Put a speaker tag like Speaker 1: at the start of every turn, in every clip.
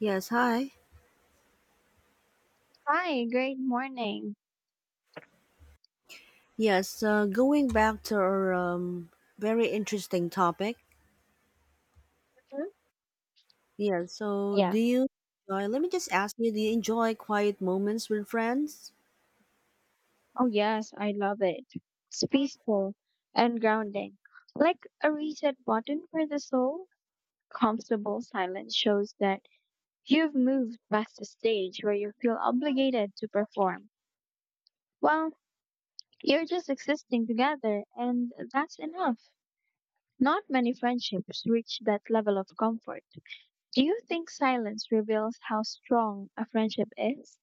Speaker 1: Yes, hi.
Speaker 2: Hi, great morning.
Speaker 1: Yes, Going back to our very interesting topic.
Speaker 2: Mhm.
Speaker 1: Yeah, so do
Speaker 2: Yeah.
Speaker 1: you enjoy, let me just ask you, do you enjoy quiet moments with friends?
Speaker 2: Oh, yes, I love it. It's peaceful and grounding, like a reset button for the soul. Comfortable silence shows that you've moved past the stage where you feel obligated to perform. Well, you're just existing together, and that's enough. Not many friendships reach that level of comfort. Do you think silence reveals how strong a friendship is?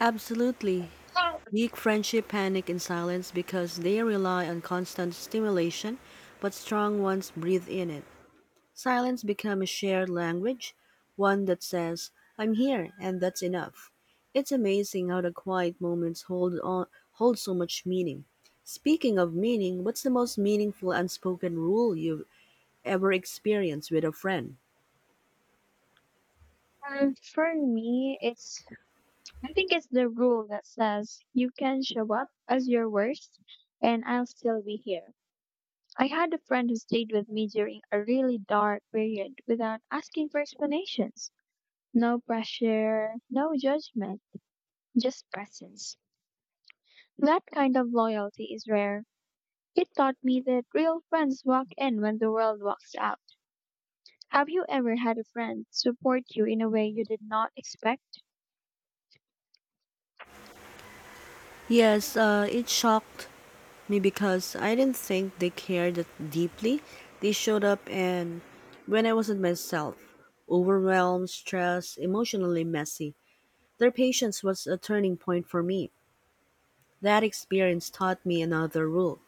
Speaker 1: Absolutely.
Speaker 2: Well,
Speaker 1: Weak friendship panic in silence because they rely on constant stimulation, but strong ones breathe in it. Silence become a shared language, one that says, I'm here and that's enough. It's amazing how the quiet moments hold so much meaning. Speaking of meaning, what's the most meaningful unspoken rule you've ever experienced with a friend?
Speaker 2: for me, it's I think it's the rule that says you can show up as your worst and I'll still be here. I had a friend who stayed with me during a really dark period without asking for explanations. No pressure, no judgment, just presence. That kind of loyalty is rare. It taught me that real friends walk in when the world walks out. Have you ever had a friend support you in a way you did not expect?
Speaker 1: Yes, it shocked me because I didn't think they cared that deeply. They showed up and when I wasn't myself, overwhelmed, stressed, emotionally messy. Their patience was a turning point for me. That experience taught me another rule: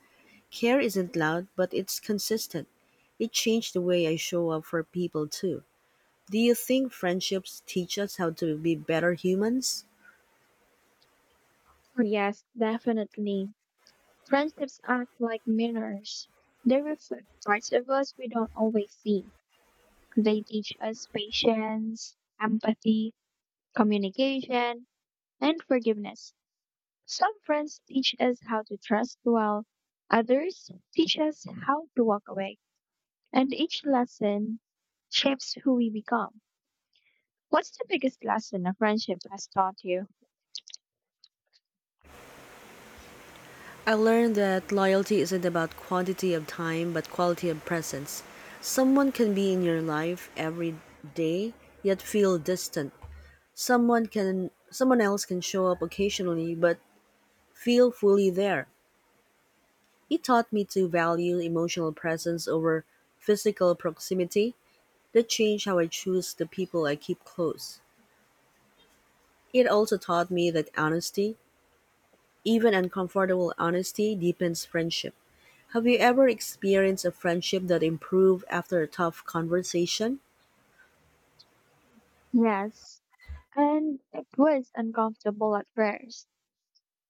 Speaker 1: care isn't loud, but it's consistent. It changed the way I show up for people, too. Do you think friendships teach us how to be better humans?
Speaker 2: Yes, definitely. Friendships act like mirrors. They reflect parts of us we don't always see. They teach us patience, empathy, communication, and forgiveness. Some friends teach us how to trust well, others teach us how to walk away. And each lesson shapes who we become. What's the biggest lesson a friendship has taught you?
Speaker 1: I learned that loyalty isn't about quantity of time, but quality of presence. Someone can be in your life every day, yet feel distant. Someone else can show up occasionally but feel fully there. It taught me to value emotional presence over physical proximity. That changed how I choose the people I keep close. It also taught me that honesty, even uncomfortable honesty, deepens friendship. Have you ever experienced a friendship that improved after a tough conversation?
Speaker 2: Yes, and it was uncomfortable at first.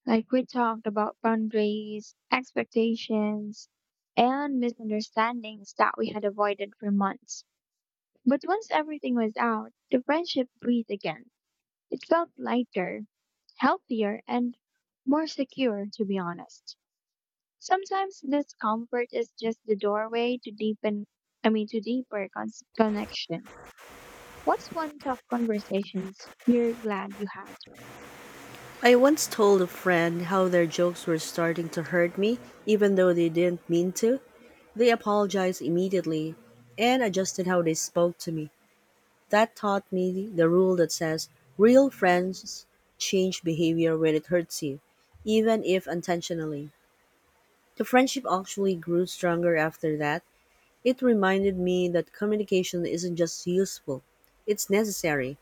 Speaker 2: Like we talked about boundaries, expectations, and misunderstandings that we had avoided for months. But once everything was out, the friendship breathed again. It felt lighter, healthier, and more secure, to be honest. Sometimes discomfort is just the doorway to to deeper connection. What's one tough conversations you're glad you had?
Speaker 1: I once told a friend how their jokes were starting to hurt me, even though they didn't mean to. They apologized immediately and adjusted how they spoke to me. That taught me the rule that says real friends change behavior when it hurts you, even if unintentionally. The friendship actually grew stronger after that. It reminded me that communication isn't just useful, it's necessary.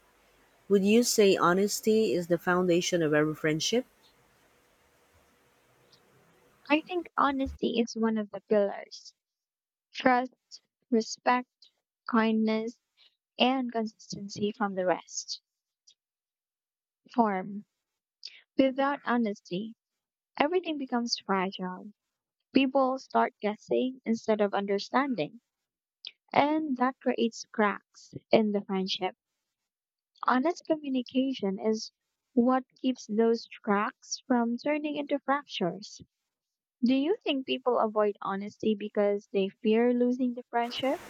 Speaker 1: Would you say honesty is the foundation of every friendship?
Speaker 2: I think honesty is one of the pillars. Trust, respect, kindness, and consistency from the rest. Form. Without honesty, everything becomes fragile. People start guessing instead of understanding, and that creates cracks in the friendship. Honest communication is what keeps those cracks from turning into fractures. Do you think people avoid honesty because they fear losing the friendship?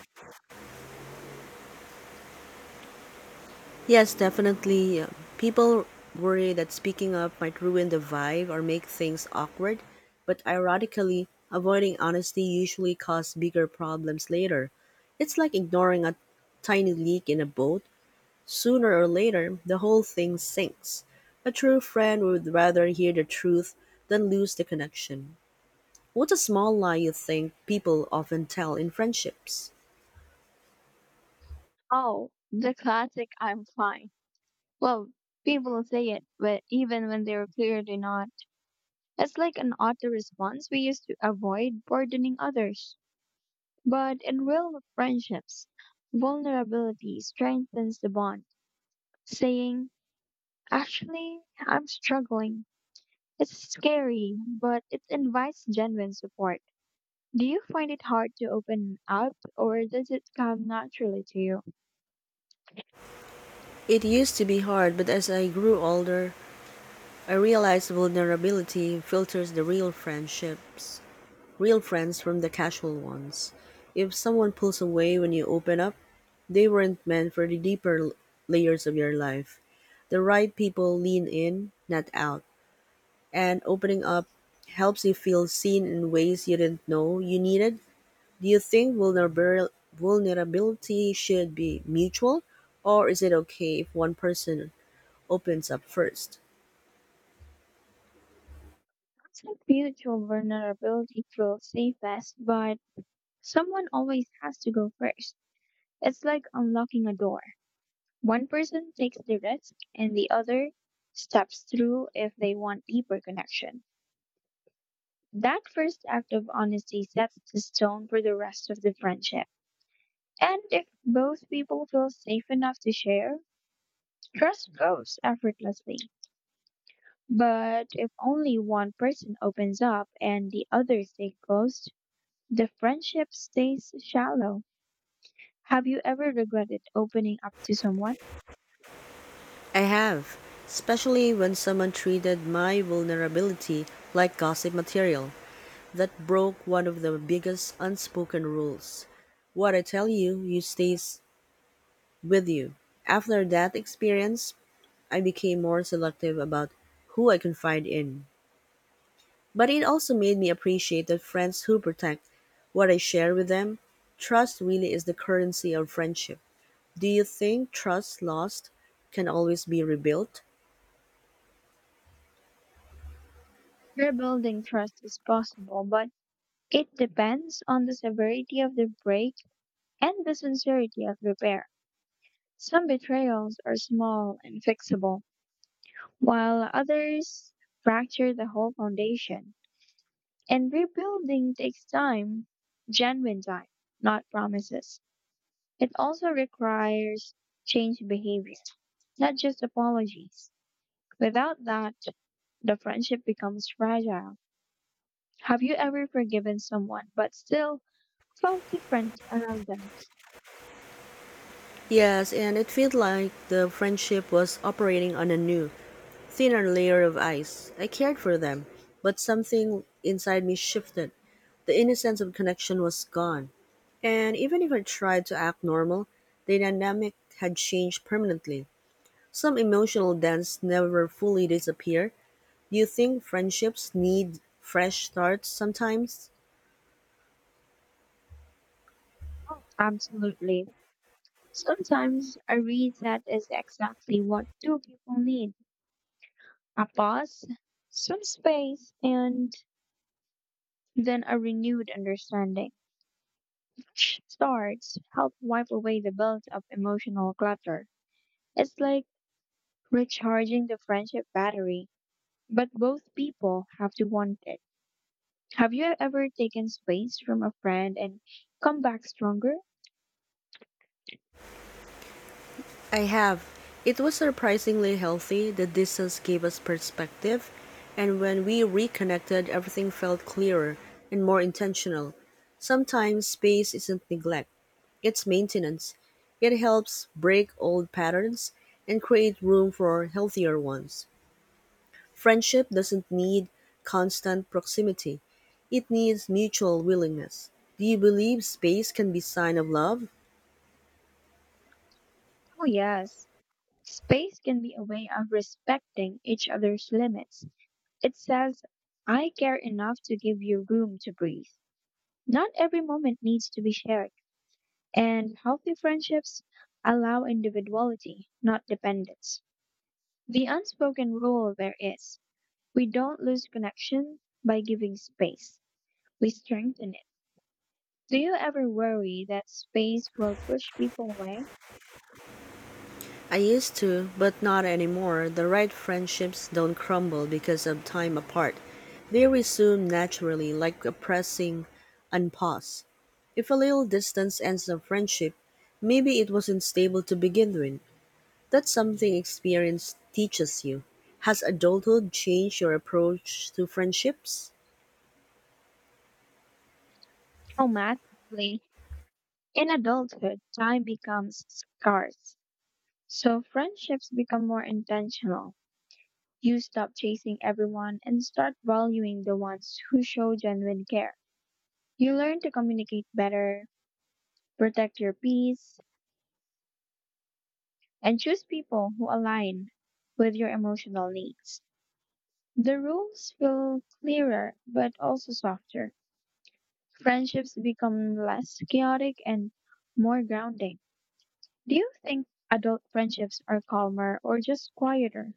Speaker 1: Yes, definitely. People worry that speaking up might ruin the vibe or make things awkward, but ironically, avoiding honesty usually causes bigger problems later. It's like ignoring a tiny leak in a boat. Sooner or later, the whole thing sinks. A true friend would rather hear the truth than lose the connection. What's a small lie you think people often tell in friendships?
Speaker 2: Oh, the classic I'm fine. Well, people say it, but even when they're clearly not. It's like an auto response we use to avoid burdening others. But in real friendships, vulnerability strengthens the bond. Saying, actually, I'm struggling. It's scary, but it invites genuine support. Do you find it hard to open up, or does it come naturally to you?
Speaker 1: It used to be hard, but as I grew older, I realized vulnerability filters real friends from the casual ones. If someone pulls away when you open up, they weren't meant for the layers of your life. The right people lean in, not out. And opening up helps you feel seen in ways you didn't know you needed. Do you think vulnerability should be mutual, or is it okay if one person opens up first?
Speaker 2: I think mutual vulnerability feels safest, but someone always has to go first. It's like unlocking a door. One person takes the risk and the other steps through if they want deeper connection. That first act of honesty sets the tone for the rest of the friendship. And if both people feel safe enough to share, trust grows effortlessly. But if only one person opens up and the other stays closed, the friendship stays shallow. Have you ever regretted opening up to someone?
Speaker 1: I have, especially when someone treated my vulnerability like gossip material. That broke one of the biggest unspoken rules. What I tell you, stays with you. After that experience, I became more selective about who I confide in. But it also made me appreciate the friends who protect what I share with them. Trust really is the currency of friendship. Do you think trust lost can always be rebuilt?
Speaker 2: Rebuilding trust is possible, but it depends on the severity of the break and the sincerity of repair. Some betrayals are small and fixable, while others fracture the whole foundation. And rebuilding takes time, genuine time, not promises. It also requires changed behavior, not just apologies. Without that, the friendship becomes fragile. Have you ever forgiven someone but still felt different around them?
Speaker 1: Yes, and it felt like the friendship was operating on a new, thinner layer of ice. I cared for them, but something inside me shifted. The innocence of connection was gone. And even if I tried to act normal, the dynamic had changed permanently. Some emotional dents never fully disappear. Do you think friendships need fresh starts sometimes?
Speaker 2: Oh, absolutely. Sometimes a reset is exactly what two people need. A pause, some space, and then a renewed understanding. Fresh starts help wipe away the built-up emotional clutter. It's like recharging the friendship battery, but both people have to want it. Have you ever taken space from a friend and come back stronger?
Speaker 1: I have. It was surprisingly healthy. The distance gave us perspective, and when we reconnected, everything felt clearer and more intentional. Sometimes space isn't neglect, it's maintenance. It helps break old patterns and create room for healthier ones. Friendship doesn't need constant proximity. It needs mutual willingness. Do you believe space can be sign of love?
Speaker 2: Oh, yes. Space can be a way of respecting each other's limits. It says, I care enough to give you room to breathe. Not every moment needs to be shared, and healthy friendships allow individuality, not dependence. The unspoken rule there is we don't lose connection by giving space, we strengthen it. Do you ever worry that space will push people away?
Speaker 1: I used to, but not anymore. The right friendships don't crumble because of time apart. They resume naturally, like a pressing unpause. If a little distance ends a friendship, maybe it wasn't stable to begin with. That's something experience teaches you. Has adulthood changed your approach to friendships?
Speaker 2: Automatically, in adulthood, time becomes scarce, so friendships become more intentional. You stop chasing everyone and start valuing the ones who show genuine care. You learn to communicate better, protect your peace, and choose people who align with your emotional needs. The rules feel clearer but also softer. Friendships become less chaotic and more grounding. Do you think adult friendships are calmer or just quieter?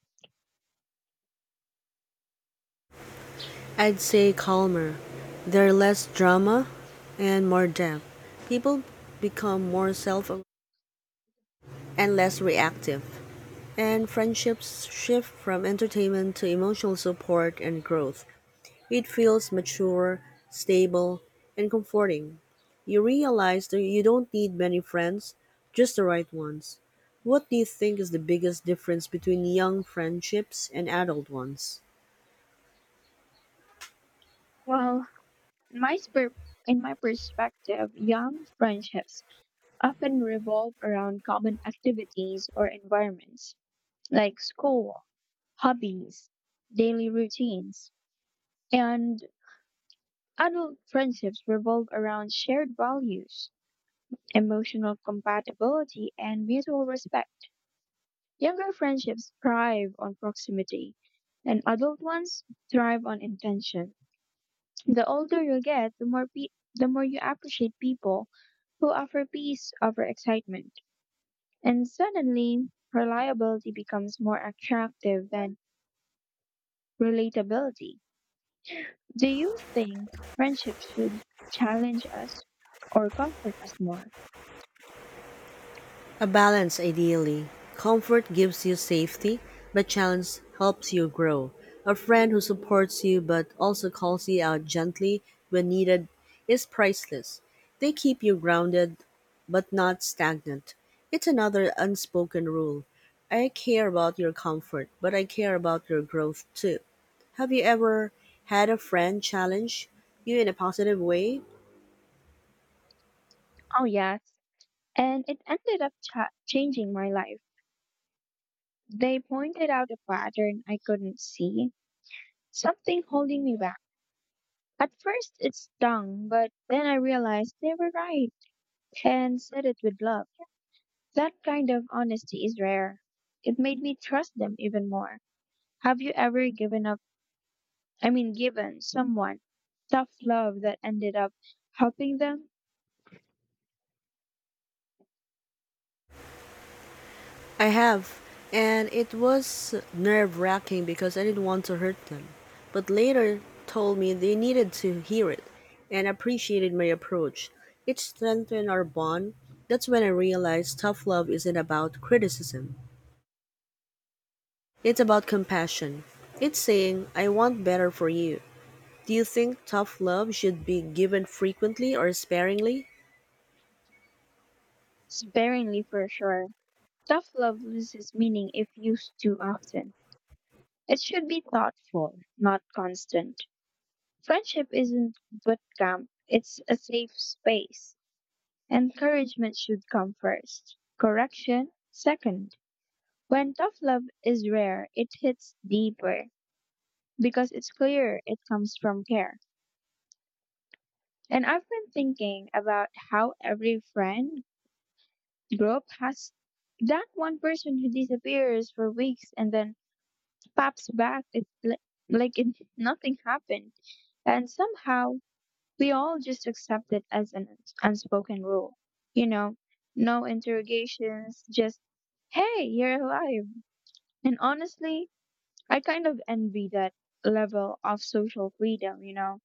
Speaker 1: I'd say calmer. They're less drama and more depth. People become more self and less reactive. And friendships shift from entertainment to emotional support and growth. It feels mature, stable, and comforting. You realize that you don't need many friends, just the right ones. What do you think is the biggest difference between young friendships and adult ones?
Speaker 2: Well, in my, sper- in my perspective, young friendships often revolve around common activities or environments like school, hobbies, daily routines, and adult friendships revolve around shared values, emotional compatibility, and mutual respect. Younger friendships thrive on proximity, and adult ones thrive on intention. The older you get, the more you appreciate people who offer peace over excitement. And suddenly, reliability becomes more attractive than relatability. Do you think friendship should challenge us or comfort us more?
Speaker 1: A balance, ideally. Comfort gives you safety, but challenge helps you grow. A friend who supports you but also calls you out gently when needed is priceless. They keep you grounded but not stagnant. It's another unspoken rule. I care about your comfort, but I care about your growth too. Have you ever had a friend challenge you in a positive way?
Speaker 2: Oh, yes. And it ended up changing my life. They pointed out a pattern I couldn't see, something holding me back. At first, it stung, but then I realized they were right and said it with love. That kind of honesty is rare. It made me trust them even more. Have you ever given up, I mean, given someone tough love that ended up helping them?
Speaker 1: I have, and it was nerve wracking because I didn't want to hurt them, but later told me they needed to hear it and appreciated my approach. It strengthened our bond. That's when I realized tough love isn't about criticism, it's about compassion. It's saying, I want better for you. Do you think tough love should be given frequently or sparingly?
Speaker 2: Sparingly for sure. Tough love loses meaning if used too often. It should be thoughtful, not constant. Friendship isn't boot camp, it's a safe space. Encouragement should come first, correction second. When tough love is rare, it hits deeper, because it's clear it comes from care. And I've been thinking about how every friend group has that one person who disappears for weeks and then pops back it, li- like it, nothing happened. And somehow we all just accept it as an unspoken rule. You know, no interrogations, just, hey, you're alive. And honestly, I kind of envy that level of social freedom.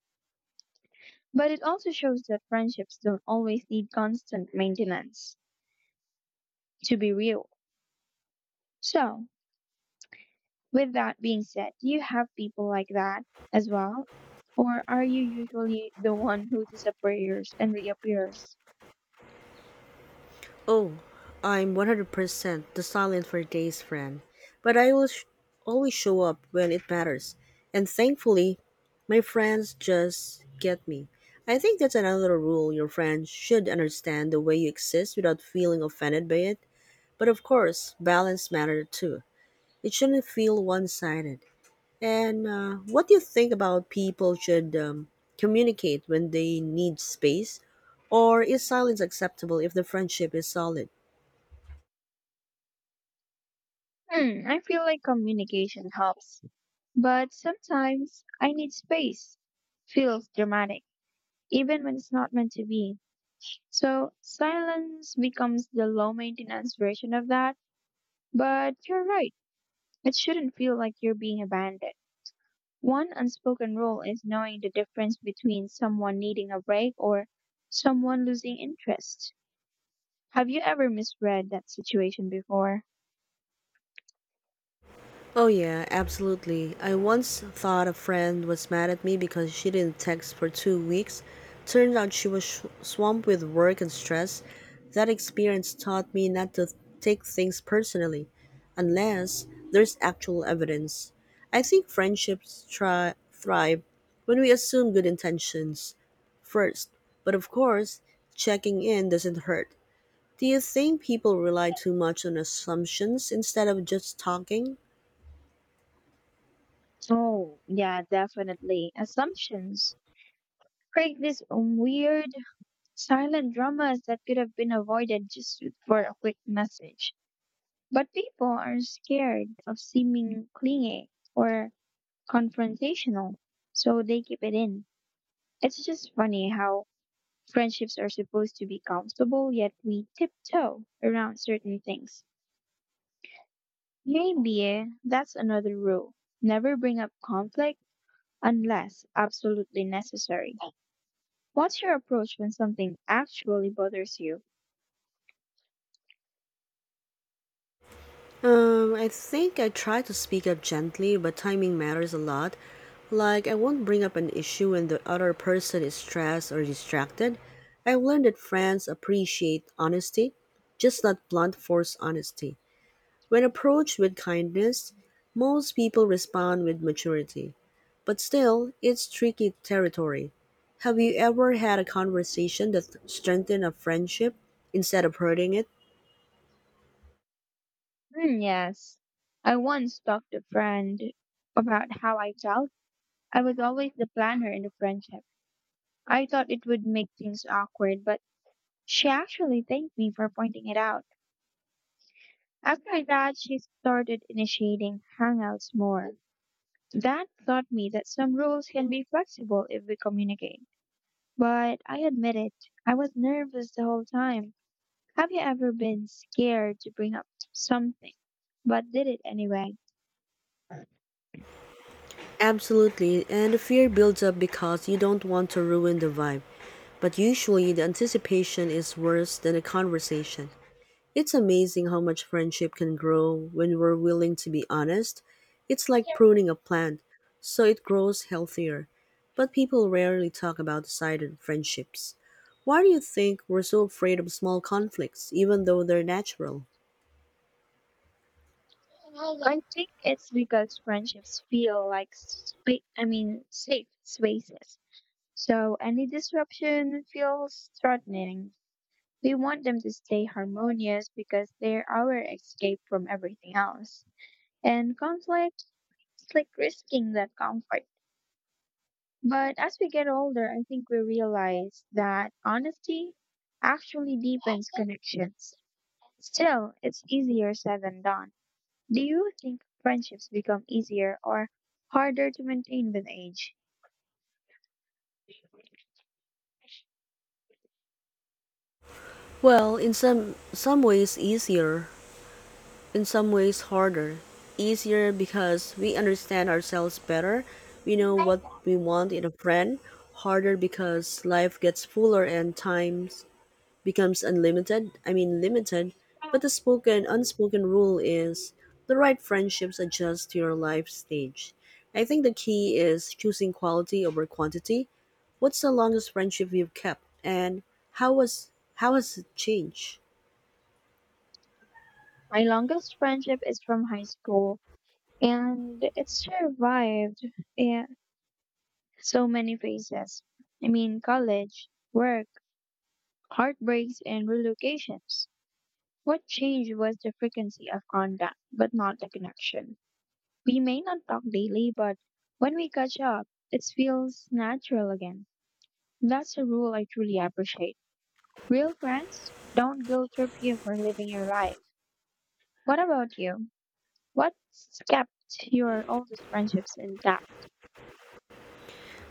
Speaker 2: But it also shows that friendships don't always need constant maintenance to be real. So, with that being said, do you have people like that as well? Or are you usually the one who disappears and reappears?
Speaker 1: Oh, I'm 100% the silent for days friend, but I always show up when it matters. And thankfully, my friends just get me. I think that's another rule: your friends should understand the way you exist without feeling offended by it. But of course, balance matters too. It shouldn't feel one sided. And What do you think about people should communicate when they need space? Or is silence acceptable if the friendship is solid?
Speaker 2: Hmm, I feel like communication helps, but sometimes I need space. Feels dramatic, even when it's not meant to be. So, silence becomes the low maintenance version of that, but you're right. It shouldn't feel like you're being abandoned. One unspoken rule is knowing the difference between someone needing a break or someone losing interest. Have you ever misread that situation before?
Speaker 1: Oh, yeah, absolutely. I once thought a friend was mad at me because she didn't text for 2 weeks. Turned out she swamped with work and stress. That experience taught me not to take things personally, unless there's actual evidence. I think thrive when we assume good intentions first, but of course, checking in doesn't hurt. Do you think people rely too much on assumptions instead of just talking?
Speaker 2: Oh, yeah, definitely. Assumptions create these weird, silent dramas that could have been avoided just for a quick message. But people are scared of seeming clingy or confrontational, so they keep it in. It's just funny how friendships are supposed to be comfortable, yet we tiptoe around certain things. Maybe that's another rule. Never bring up conflict unless absolutely necessary. What's your approach when something actually bothers you?
Speaker 1: I think I try to speak up gently, but timing matters a lot. Like, I won't bring up an issue when the other person is stressed or distracted. I've learned that friends appreciate honesty, just not blunt force honesty. When approached with kindness, most people respond with maturity. But still, it's tricky territory. Have you ever had a conversation that strengthened a friendship instead of hurting it?
Speaker 2: Hmm, yes. I once talked to a friend about how I felt. I was always the planner in the friendship. I thought it would make things awkward, but she actually thanked me for pointing it out. After that, she started initiating hangouts more. That taught me that some rules can be flexible if we communicate. But I admit it, I was nervous the whole time. Have you ever been scared to bring up something, but did it anyway?
Speaker 1: Absolutely, and the fear builds up because you don't want to ruin the vibe. But usually, the anticipation is worse than the conversation. It's amazing how much friendship can grow when we're willing to be honest. It's like pruning a plant, so it grows healthier. But people rarely talk about the side of friendships. Why do you think we're so afraid of small conflicts, even though they're natural?
Speaker 2: I think it's because friendships feel like safe spaces. So any disruption feels threatening. We want them to stay harmonious because they're our escape from everything else. And conflict its like risking that comfort. But as we get older, I think we realize that honesty actually deepens connections. Still, it's easier said than done. Do you think friendships become easier or harder to maintain with age?
Speaker 1: Well, in some ways easier, in some ways harder. Easier because we understand ourselves better. We know what we want in a friend. Harder because life gets fuller and times becomes unlimited. I mean limited. But the spoken unspoken rule is the right friendships adjust to your life stage. I think the key is choosing quality over quantity. What's the longest friendship you've kept and how has it changed?
Speaker 2: My longest friendship is from high school and it survived so many phases. I mean, college, work, heartbreaks, and relocations. What changed was the frequency of contact, but not the connection. We may not talk daily, but when we catch up, it feels natural again. That's a rule I truly appreciate. Real friends don't guilt trip you for living your life. What about you? What kept your oldest friendships intact?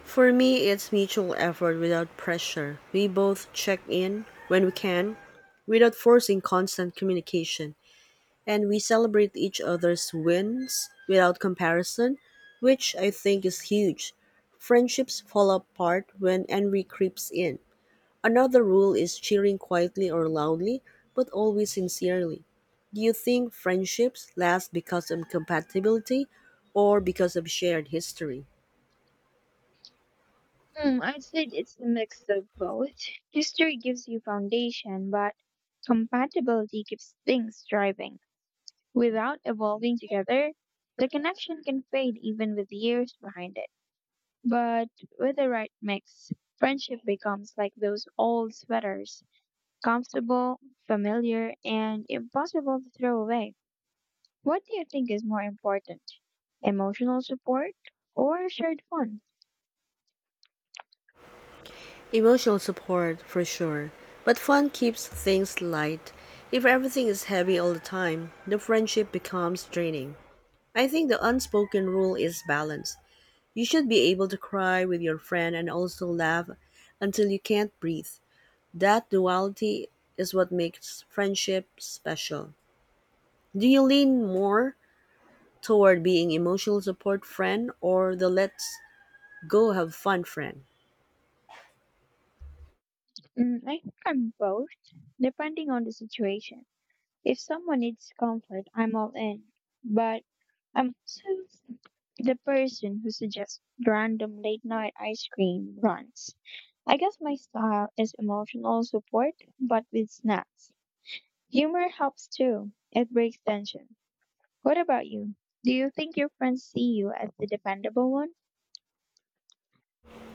Speaker 1: For me, it's mutual effort without pressure. We both check in when we can without forcing constant communication, and we celebrate each other's wins without comparison, which I think is huge. Friendships fall apart when envy creeps in. Another rule is cheering quietly or loudly, but always sincerely. Do you think friendships last because of compatibility or because of shared history?
Speaker 2: Hmm, I'd say it's a mix of both. History gives you foundation, but compatibility keeps things thriving. Without evolving together, the connection can fade even with years behind it. But with the right mix, friendship becomes like those old sweaters, comfortable, familiar, and impossible to throw away. What do you think is more important? Emotional support or shared fun?
Speaker 1: Emotional support, for sure. But fun keeps things light. If everything is heavy all the time, the friendship becomes draining. I think the unspoken rule is balance. You should be able to cry with your friend and also laugh until you can't breathe. That duality is what makes friendship special. Do you lean more toward being emotional support friend or the let's go have fun friend?
Speaker 2: Mm, I think I'm both, depending on the situation. If someone needs comfort, I'm all in. But I'm also the person who suggests random late night ice cream runs. I guess my style is emotional support, but with snacks. Humor helps too. It breaks tension. What about you? Do you think your friends see you as the dependable one?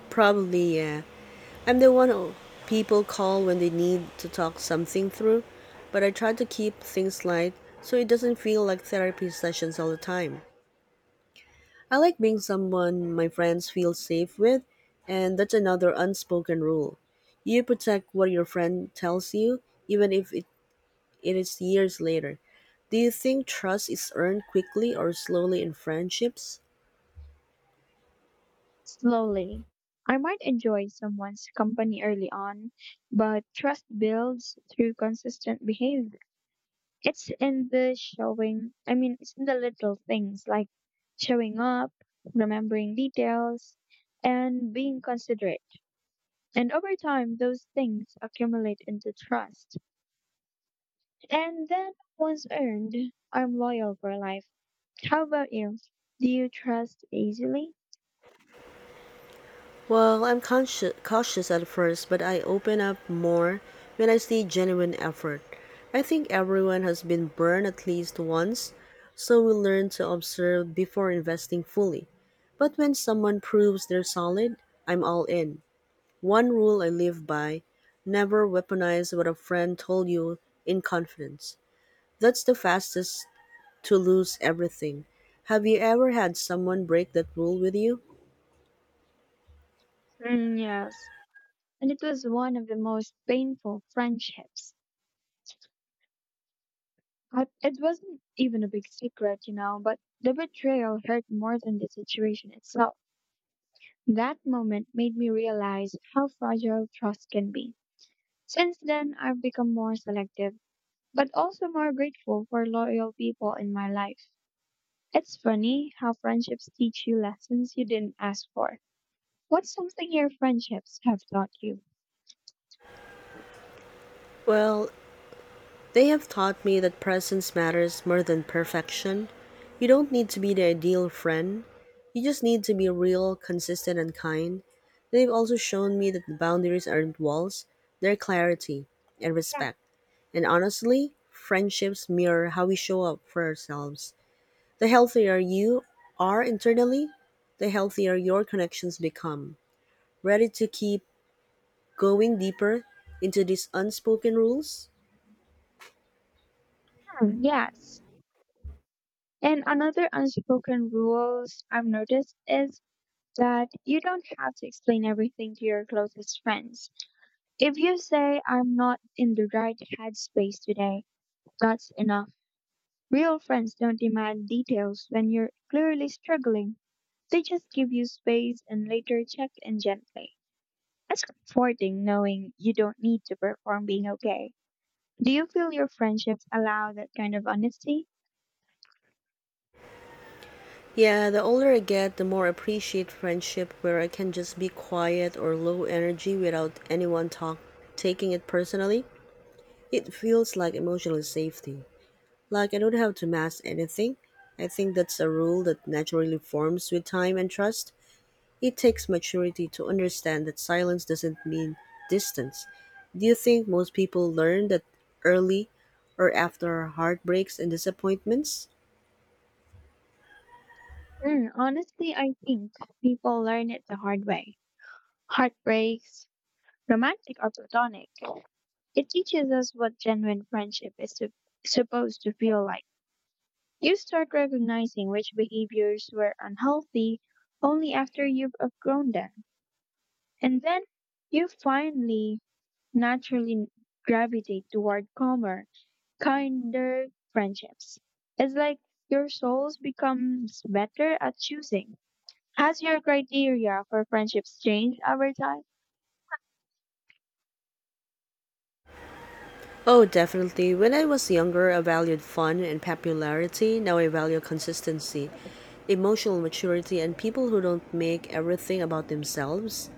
Speaker 1: Probably, yeah. I'm the one who people call when they need to talk something through, but I try to keep things light so it doesn't feel like therapy sessions all the time. I like being someone my friends feel safe with, and that's another unspoken rule. You protect what your friend tells you, even if it, it is years later. Do you think trust is earned quickly or slowly in friendships?
Speaker 2: Slowly. I might enjoy someone's company early on, but trust builds through consistent behavior. It's in the little things like showing up, remembering details, and being considerate. And over time, those things accumulate into trust. And then once earned, I'm loyal for life. How about you? Do you trust easily?
Speaker 1: Cautious at first, but I open up more when I see genuine effort. I think everyone has been burned at least once, so we learn to observe before investing fully. But when someone proves they're solid, I'm all in. One rule I live by: never weaponize what a friend told you in confidence. That's the fastest to lose everything. Have you ever had someone break that rule with you?
Speaker 2: Mm, yes, and it was one of the most painful friendships. But it wasn't even a big secret, but the betrayal hurt more than the situation itself. That moment made me realize how fragile trust can be. Since then, I've become more selective, but also more grateful for loyal people in my life. It's funny how friendships teach you lessons you didn't ask for. What's something your friendships have taught you?
Speaker 1: Well, they have taught me that presence matters more than perfection. You don't need to be the ideal friend. You just need to be real, consistent, and kind. They've also shown me that the boundaries aren't walls, they're clarity and respect. And honestly, friendships mirror how we show up for ourselves. The healthier you are internally, the healthier your connections become. Ready to keep going deeper into these unspoken rules?
Speaker 2: Hmm, yes. And another unspoken rules I've noticed is that you don't have to explain everything to your closest friends. If you say I'm not in the right headspace today, that's enough. Real friends don't demand details when you're clearly struggling. They just give you space and later check in gently. It's comforting knowing you don't need to perform being okay. Do you feel your friendships allow that kind of honesty?
Speaker 1: Yeah, the older I get, the more I appreciate friendship where I can just be quiet or low energy without anyone talk taking it personally. It feels like emotional safety. Like I don't have to mask anything. I think that's a rule that naturally forms with time and trust. It takes maturity to understand that silence doesn't mean distance. Do you think most people learn that early or after heartbreaks and disappointments?
Speaker 2: Mm, honestly, I think people learn it the hard way, heartbreaks, romantic or platonic. It teaches us what genuine friendship is supposed to feel like. You start recognizing which behaviors were unhealthy only after you've outgrown them. And then you finally naturally gravitate toward calmer, kinder friendships. It's like your souls becomes better at choosing. Has your criteria for friendships changed over time?
Speaker 1: Oh, definitely. When I was younger, I valued fun and popularity. Now I value consistency, emotional maturity, and people who don't make everything about themselves.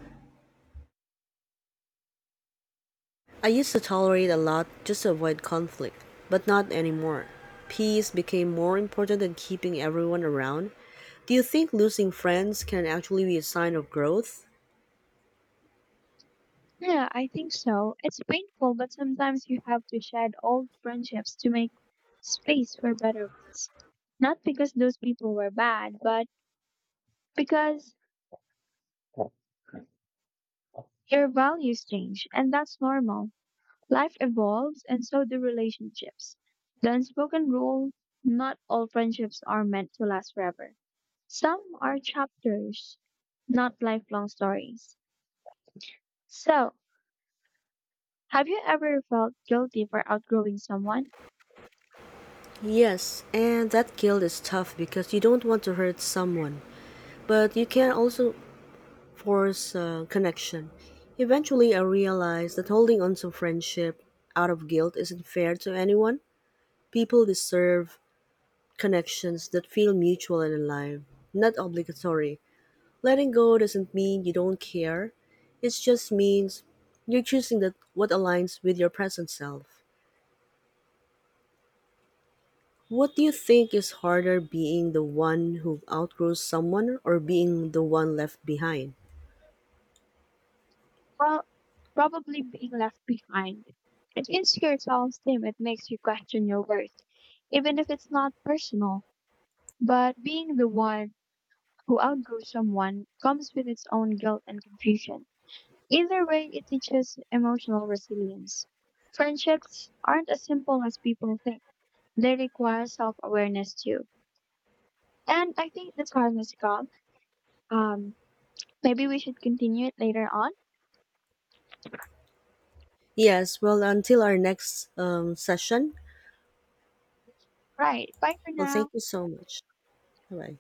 Speaker 1: I used to tolerate a lot just to avoid conflict, but not anymore. Peace became more important than keeping everyone around. Do you think losing friends can actually be a sign of growth?
Speaker 2: Yeah, I think so. It's painful, but sometimes you have to shed old friendships to make space for better ones. Not because those people were bad, but because your values change, and that's normal. Life evolves, and so do relationships. The unspoken rule, not all friendships are meant to last forever. Some are chapters, not lifelong stories. So, have you ever felt guilty for outgrowing someone?
Speaker 1: Yes, and that guilt is tough because you don't want to hurt someone, but you can also force connection. Eventually, I realized that holding on to friendship out of guilt isn't fair to anyone. People deserve connections that feel mutual and alive, not obligatory. Letting go doesn't mean you don't care, it just means you're choosing that what aligns with your present self. What do you think is harder, being the one who outgrows someone or being the one left behind?
Speaker 2: Well, probably being left behind. It is your self-esteem. It makes you question your worth, even if it's not personal. But being the one who outgrew someone comes with its own guilt and confusion. Either way, it teaches emotional resilience. Friendships aren't as simple as people think. They require self-awareness too. And I think that's time has Um, maybe we should continue it later on.
Speaker 1: Yes, well, until our next session.
Speaker 2: Right. Bye for
Speaker 1: Well, thank
Speaker 2: now.
Speaker 1: you so much. Bye bye.